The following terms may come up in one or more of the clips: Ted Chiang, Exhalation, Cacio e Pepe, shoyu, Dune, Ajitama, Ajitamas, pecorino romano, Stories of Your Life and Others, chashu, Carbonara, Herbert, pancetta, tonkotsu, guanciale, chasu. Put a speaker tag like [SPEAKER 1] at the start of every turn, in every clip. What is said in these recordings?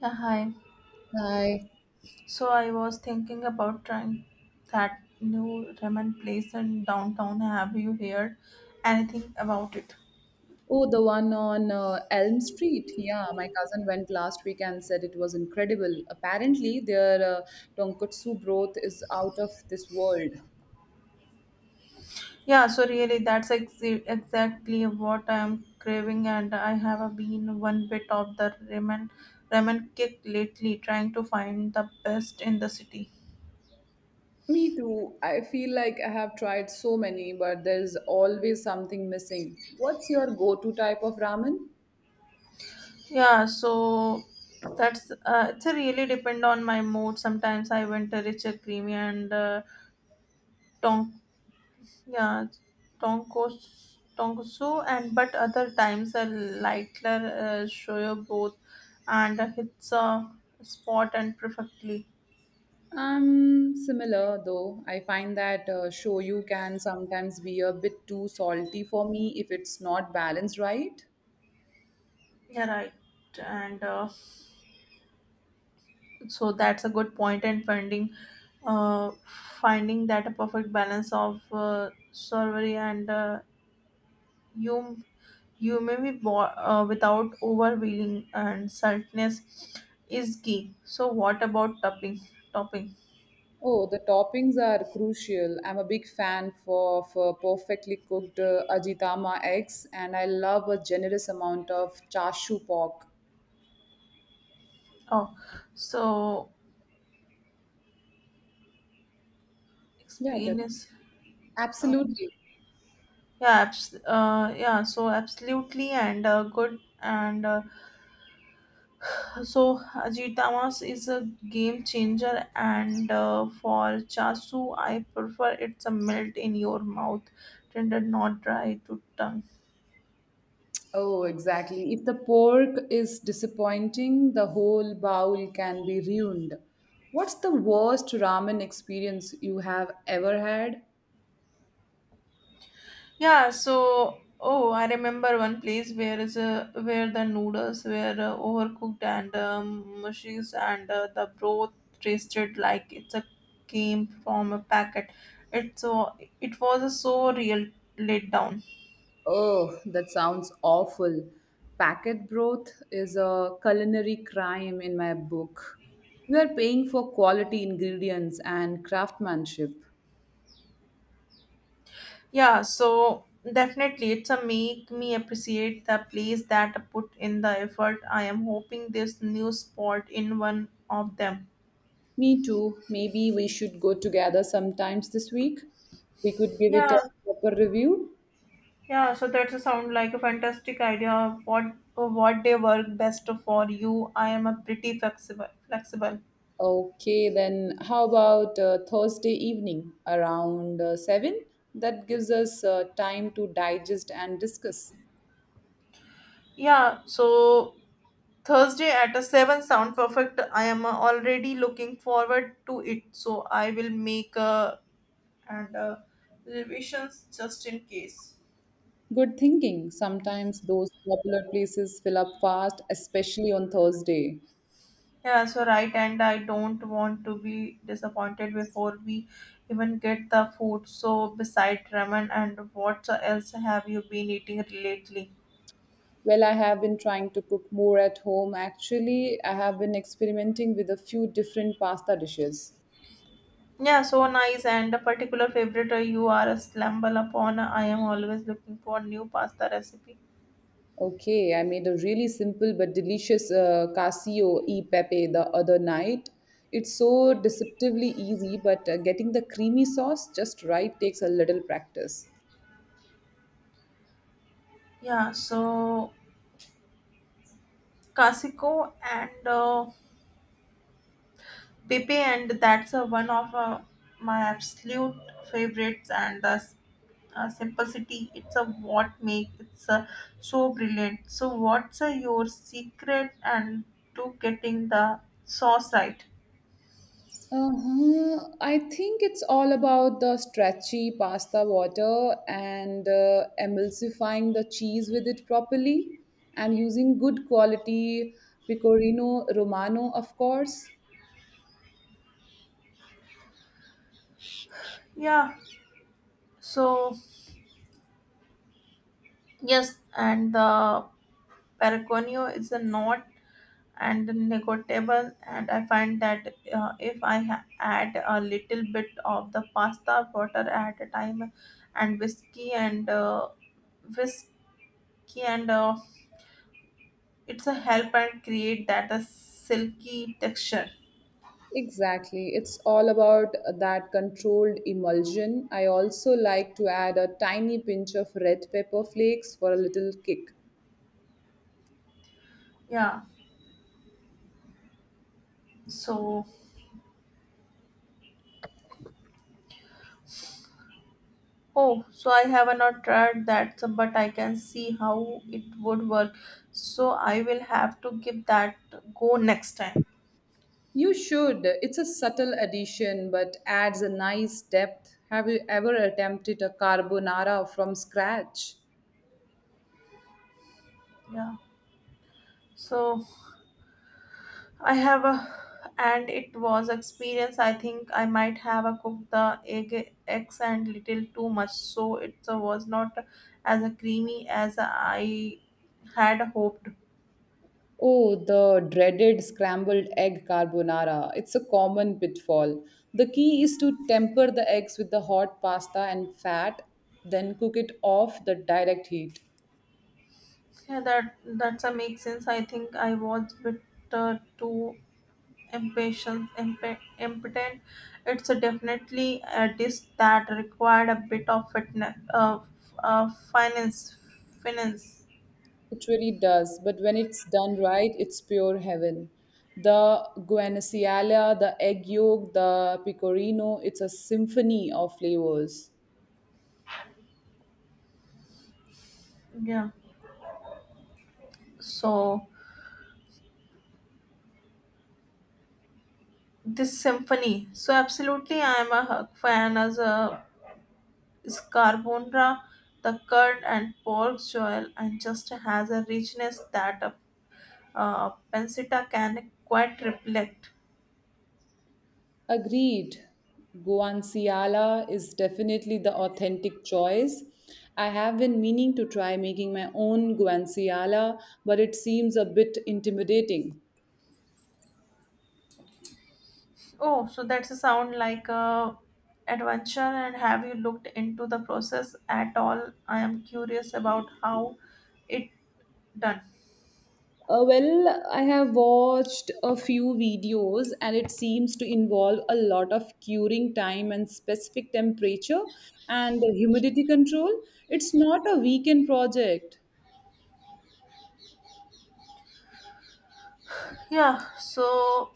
[SPEAKER 1] Yeah, hi.
[SPEAKER 2] Hi.
[SPEAKER 1] So I was thinking about trying that new ramen place in downtown. Have you heard anything about it?
[SPEAKER 2] Oh, the one on Elm Street. Yeah, my cousin went last week and said it was incredible. Apparently, their tonkotsu broth is out of this world.
[SPEAKER 1] Really, exactly what I'm craving, and I have been one bit of the ramen kick lately, trying to find the best in the city.
[SPEAKER 2] Me too. I feel like I have tried so many, but there's always something missing. What's your go-to type of ramen?
[SPEAKER 1] Yeah, so that's it's a really depend on my mood. Sometimes I want a richer creamy and Yeah, tonkosu, and but other times a lightler show both and hits a spot and perfectly.
[SPEAKER 2] Similar though. I find that shoyu can sometimes be a bit too salty for me if it's not balanced right.
[SPEAKER 1] Yeah, right. And so that's a good point and finding uh, finding that a perfect balance of surgery and you you may be without overwhelming and saltiness is key. So what about topping? Topping.
[SPEAKER 2] Oh, the toppings are crucial. I'm a big fan for perfectly cooked Ajitama eggs, and I love a generous amount of chashu pork.
[SPEAKER 1] Oh, so
[SPEAKER 2] Yeah,
[SPEAKER 1] explain
[SPEAKER 2] that's
[SPEAKER 1] is uh,
[SPEAKER 2] absolutely.
[SPEAKER 1] absolutely and good and so Ajitamas is a game changer and for chasu I prefer it's a melt in your mouth tender not dry to tongue.
[SPEAKER 2] Oh, exactly. If the pork is disappointing, the whole bowl can be ruined. What's the worst ramen experience you have ever had?
[SPEAKER 1] Oh, I remember one place where is a where the noodles were overcooked and mushy and the broth tasted like it's a came from a packet. It so it was a so real laid down.
[SPEAKER 2] Oh, that sounds awful. Packet broth is a culinary crime in my book. We are paying for quality ingredients and craftsmanship.
[SPEAKER 1] Yeah, so definitely it's a make me appreciate the place that put in the effort. I am hoping this new spot in one of them.
[SPEAKER 2] Me too. Maybe we should go together sometimes this week. We could give it
[SPEAKER 1] Yeah,
[SPEAKER 2] a proper review.
[SPEAKER 1] That's a sound like a fantastic idea of what day work best for you. I am a pretty flexible.
[SPEAKER 2] Okay, then how about Thursday evening around 7? That gives us time to digest and discuss.
[SPEAKER 1] Yeah, so Thursday at a seven sound perfect. I am already looking forward to it. So I will make and revisions just in case.
[SPEAKER 2] Good thinking. Sometimes those popular places fill up fast, especially on Thursday.
[SPEAKER 1] Right, and I don't want to be disappointed before we even get the food. So beside ramen and what else have you been eating lately?
[SPEAKER 2] Well, I have been trying to cook more at home. Actually, I have been experimenting with a few different pasta dishes.
[SPEAKER 1] Nice. And a particular favorite you are a stumble upon. I am always looking for new pasta recipe.
[SPEAKER 2] Okay, I made a really simple but delicious Casio e Pepe the other night. It's so deceptively easy, but getting the creamy sauce just right takes a little practice.
[SPEAKER 1] Yeah, so Casico and Pepe, and that's one of my absolute favorites. And simplicity, it's a what make it's so brilliant. So, what's your secret and to getting the sauce right?
[SPEAKER 2] Uh-huh. I think it's all about the stretchy pasta water and emulsifying the cheese with it properly and using good quality pecorino romano, of course.
[SPEAKER 1] Yeah, so yes, and the periconio is a not and negotiable and I find that if I ha- add a little bit of the pasta water at a time and whiskey and it's a help and create that a silky texture.
[SPEAKER 2] Exactly. It's all about that controlled emulsion. I also like to add a tiny pinch of red pepper flakes for a little kick.
[SPEAKER 1] yeah so oh I have not tried but I can see how it would work, so I will have to give that go next time.
[SPEAKER 2] You should. It's a subtle addition but adds a nice depth. Have you ever attempted a carbonara from scratch?
[SPEAKER 1] yeah so I have a, and it was experience. I think I might have a cooked the egg eggs and little too much, so it was not as creamy as I had hoped.
[SPEAKER 2] Oh, the dreaded scrambled egg carbonara. It's a common pitfall. The key is to temper the eggs with the hot pasta and fat, then cook it off the direct heat.
[SPEAKER 1] Yeah, that's a make sense. I think I was a bit too impotent. It's a definitely a dish that required a bit of fitness, finance.
[SPEAKER 2] It really does, but when it's done right, it's pure heaven. The guanaciala, the egg yolk, the pecorino, it's a symphony of flavors.
[SPEAKER 1] Yeah. So. This symphony. So absolutely, I am a Huck fan as a Scarbonra, the curd and pork joel, and just has a richness that a pancetta can quite reflect.
[SPEAKER 2] Agreed. Guanciale is definitely the authentic choice. I have been meaning to try making my own guanciale, but it seems a bit intimidating.
[SPEAKER 1] Oh, so that's a sound like a adventure. And have you looked into the process at all? I am curious about how it done.
[SPEAKER 2] Well, I have watched a few videos and it seems to involve a lot of curing time and specific temperature and the humidity control. It's not a weekend project.
[SPEAKER 1] Yeah, so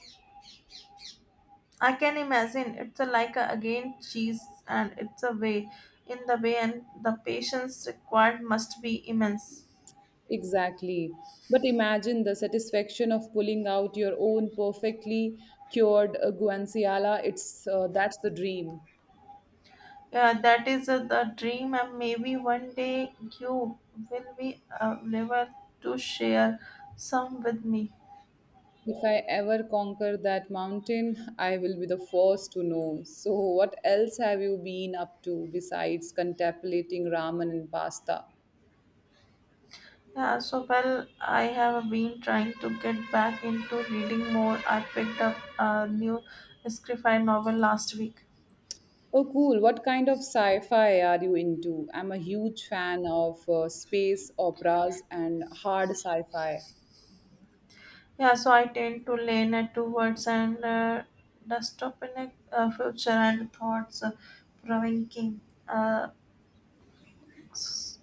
[SPEAKER 1] I can imagine it's a like a, again cheese and it's a way in the way and the patience required must be immense.
[SPEAKER 2] Exactly. But imagine the satisfaction of pulling out your own perfectly cured guanciale. It's That's the dream.
[SPEAKER 1] Yeah, that is the dream and maybe one day you will be able to share some with me.
[SPEAKER 2] If I ever conquer that mountain, I will be the first to know. So, what else have you been up to besides contemplating ramen and pasta?
[SPEAKER 1] Well, I have been trying to get back into reading more. I picked up a new sci-fi novel last week.
[SPEAKER 2] Oh, cool. What kind of sci fi are you into? I'm a huge fan of space operas and hard sci fi.
[SPEAKER 1] I tend to lean it towards and dystopian future and thoughts provoking uh, s-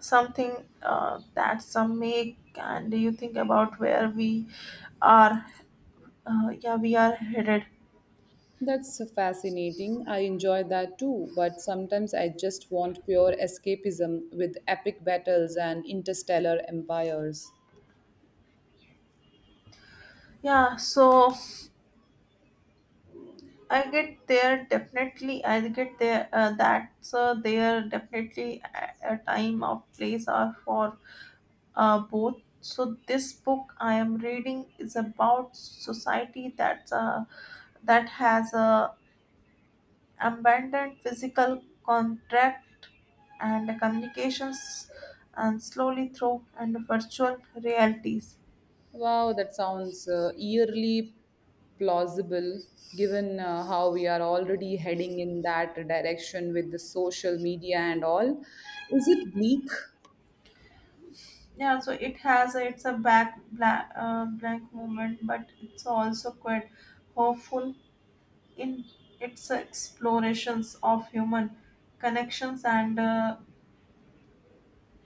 [SPEAKER 1] something that some make. And you think about where we are? Yeah, we are headed.
[SPEAKER 2] That's fascinating. I enjoy that too, but sometimes I just want pure escapism with epic battles and interstellar empires.
[SPEAKER 1] Yeah, so I get there definitely. I get there. That's there definitely a time of place or for both. So this book I am reading is about society that's that has a abandoned physical contract and communications and slowly through and virtual realities.
[SPEAKER 2] Wow, that sounds eerily plausible given how we are already heading in that direction with the social media and all. Is it bleak?
[SPEAKER 1] It has a, it's a back blank moment, but it's also quite hopeful in its explorations of human connections and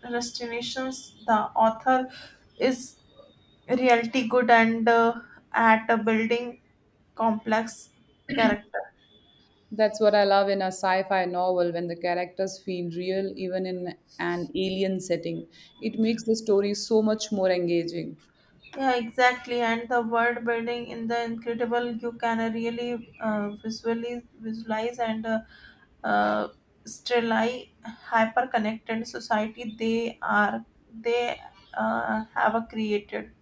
[SPEAKER 1] Destinations, the author is reality good and at a building complex character.
[SPEAKER 2] That's what I love in a sci fi novel when the characters feel real, even in an alien setting. It makes the story so much more engaging.
[SPEAKER 1] Yeah, exactly. And the world building in the incredible, you can really visually visualize and uh, sterilize hyper connected society they have a created.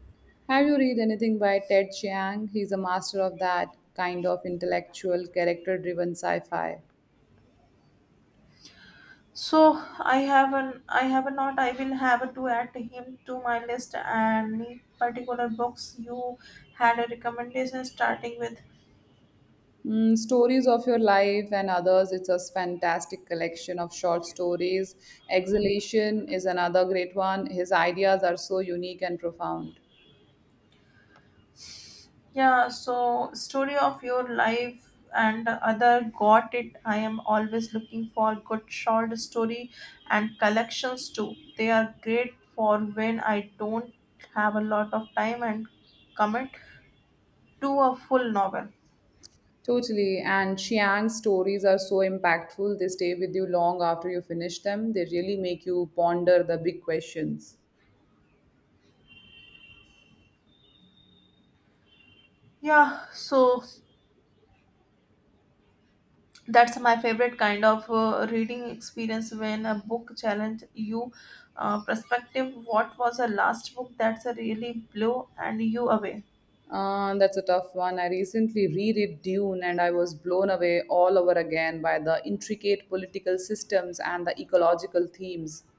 [SPEAKER 2] Have you read anything by Ted Chiang? He's a master of that kind of intellectual, character driven sci fi.
[SPEAKER 1] So I have an I have a not I will have to add him to my list. And any particular books you had a recommendation starting with?
[SPEAKER 2] Mm, stories of your life and others. It's a fantastic collection of short stories. Exhalation is another great one. His ideas are so unique and profound.
[SPEAKER 1] Story of your life and other got it. I am always looking for good short story and collections too. They are great for when I don't have a lot of time and commit to a full novel.
[SPEAKER 2] Totally. And Chiang's stories are so impactful. They stay with you long after you finish them. They really make you ponder the big questions.
[SPEAKER 1] yeah so that's my favorite kind of reading experience when a book challenge you perspective. What was the last book that's a really blew and you away?
[SPEAKER 2] That's a tough one. I recently reread Dune and I was blown away all over again by the intricate political systems and the ecological themes.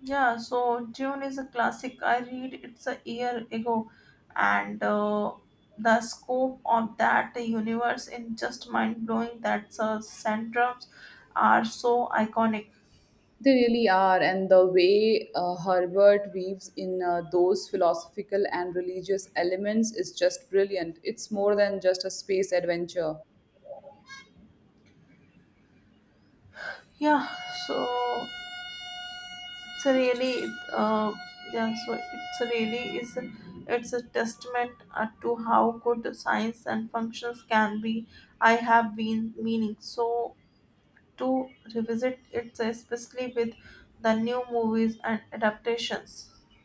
[SPEAKER 1] June is a classic, I read it's a year ago and the scope of that universe is just mind blowing. That centrums are so iconic.
[SPEAKER 2] They really are, and the way Herbert weaves in those philosophical and religious elements is just brilliant. It's more than just a space adventure.
[SPEAKER 1] yeah so it's a really it's a really is it's a testament to how good science and functions can be. I have been meaning to revisit it, especially with the new movies and adaptations.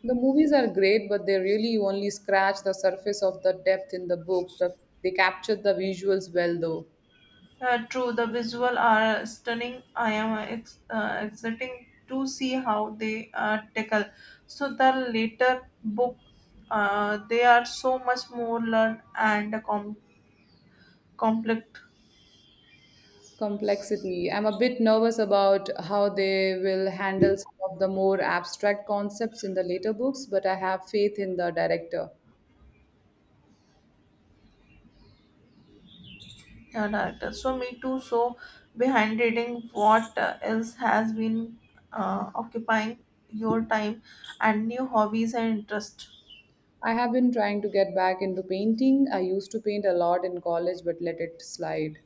[SPEAKER 2] The movies are great, but they really only scratch the surface of the depth in the book. They captured the visuals well, though.
[SPEAKER 1] True, the visual are stunning. I am exciting to see how they tackle so the later book. They are so much more learned and complex.
[SPEAKER 2] Complexity. I'm a bit nervous about how they will handle some of the more abstract concepts in the later books, but I have faith in the director.
[SPEAKER 1] Yeah, right. So me too. So behind reading what else has been occupying your time and new hobbies and interest.
[SPEAKER 2] I have been trying to get back into painting. I used to paint a lot in college but let it slide.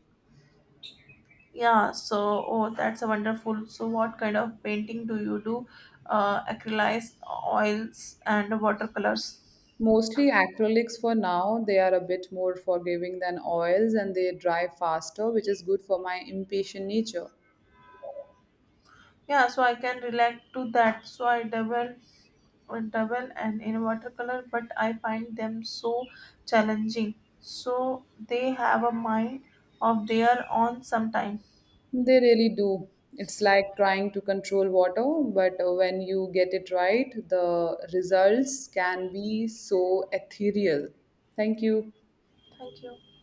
[SPEAKER 1] Yeah. So oh, that's a wonderful. So what kind of painting do you do? Acrylics, oils, and watercolors.
[SPEAKER 2] Mostly acrylics for now. They are a bit more forgiving than oils and they dry faster, which is good for my impatient nature.
[SPEAKER 1] I can relate to that. So I double and in watercolor, but I find them so challenging. So they have a mind of their own sometimes.
[SPEAKER 2] They really do. It's like trying to control water, but when you get it right, the results can be so ethereal. Thank you.
[SPEAKER 1] Thank you.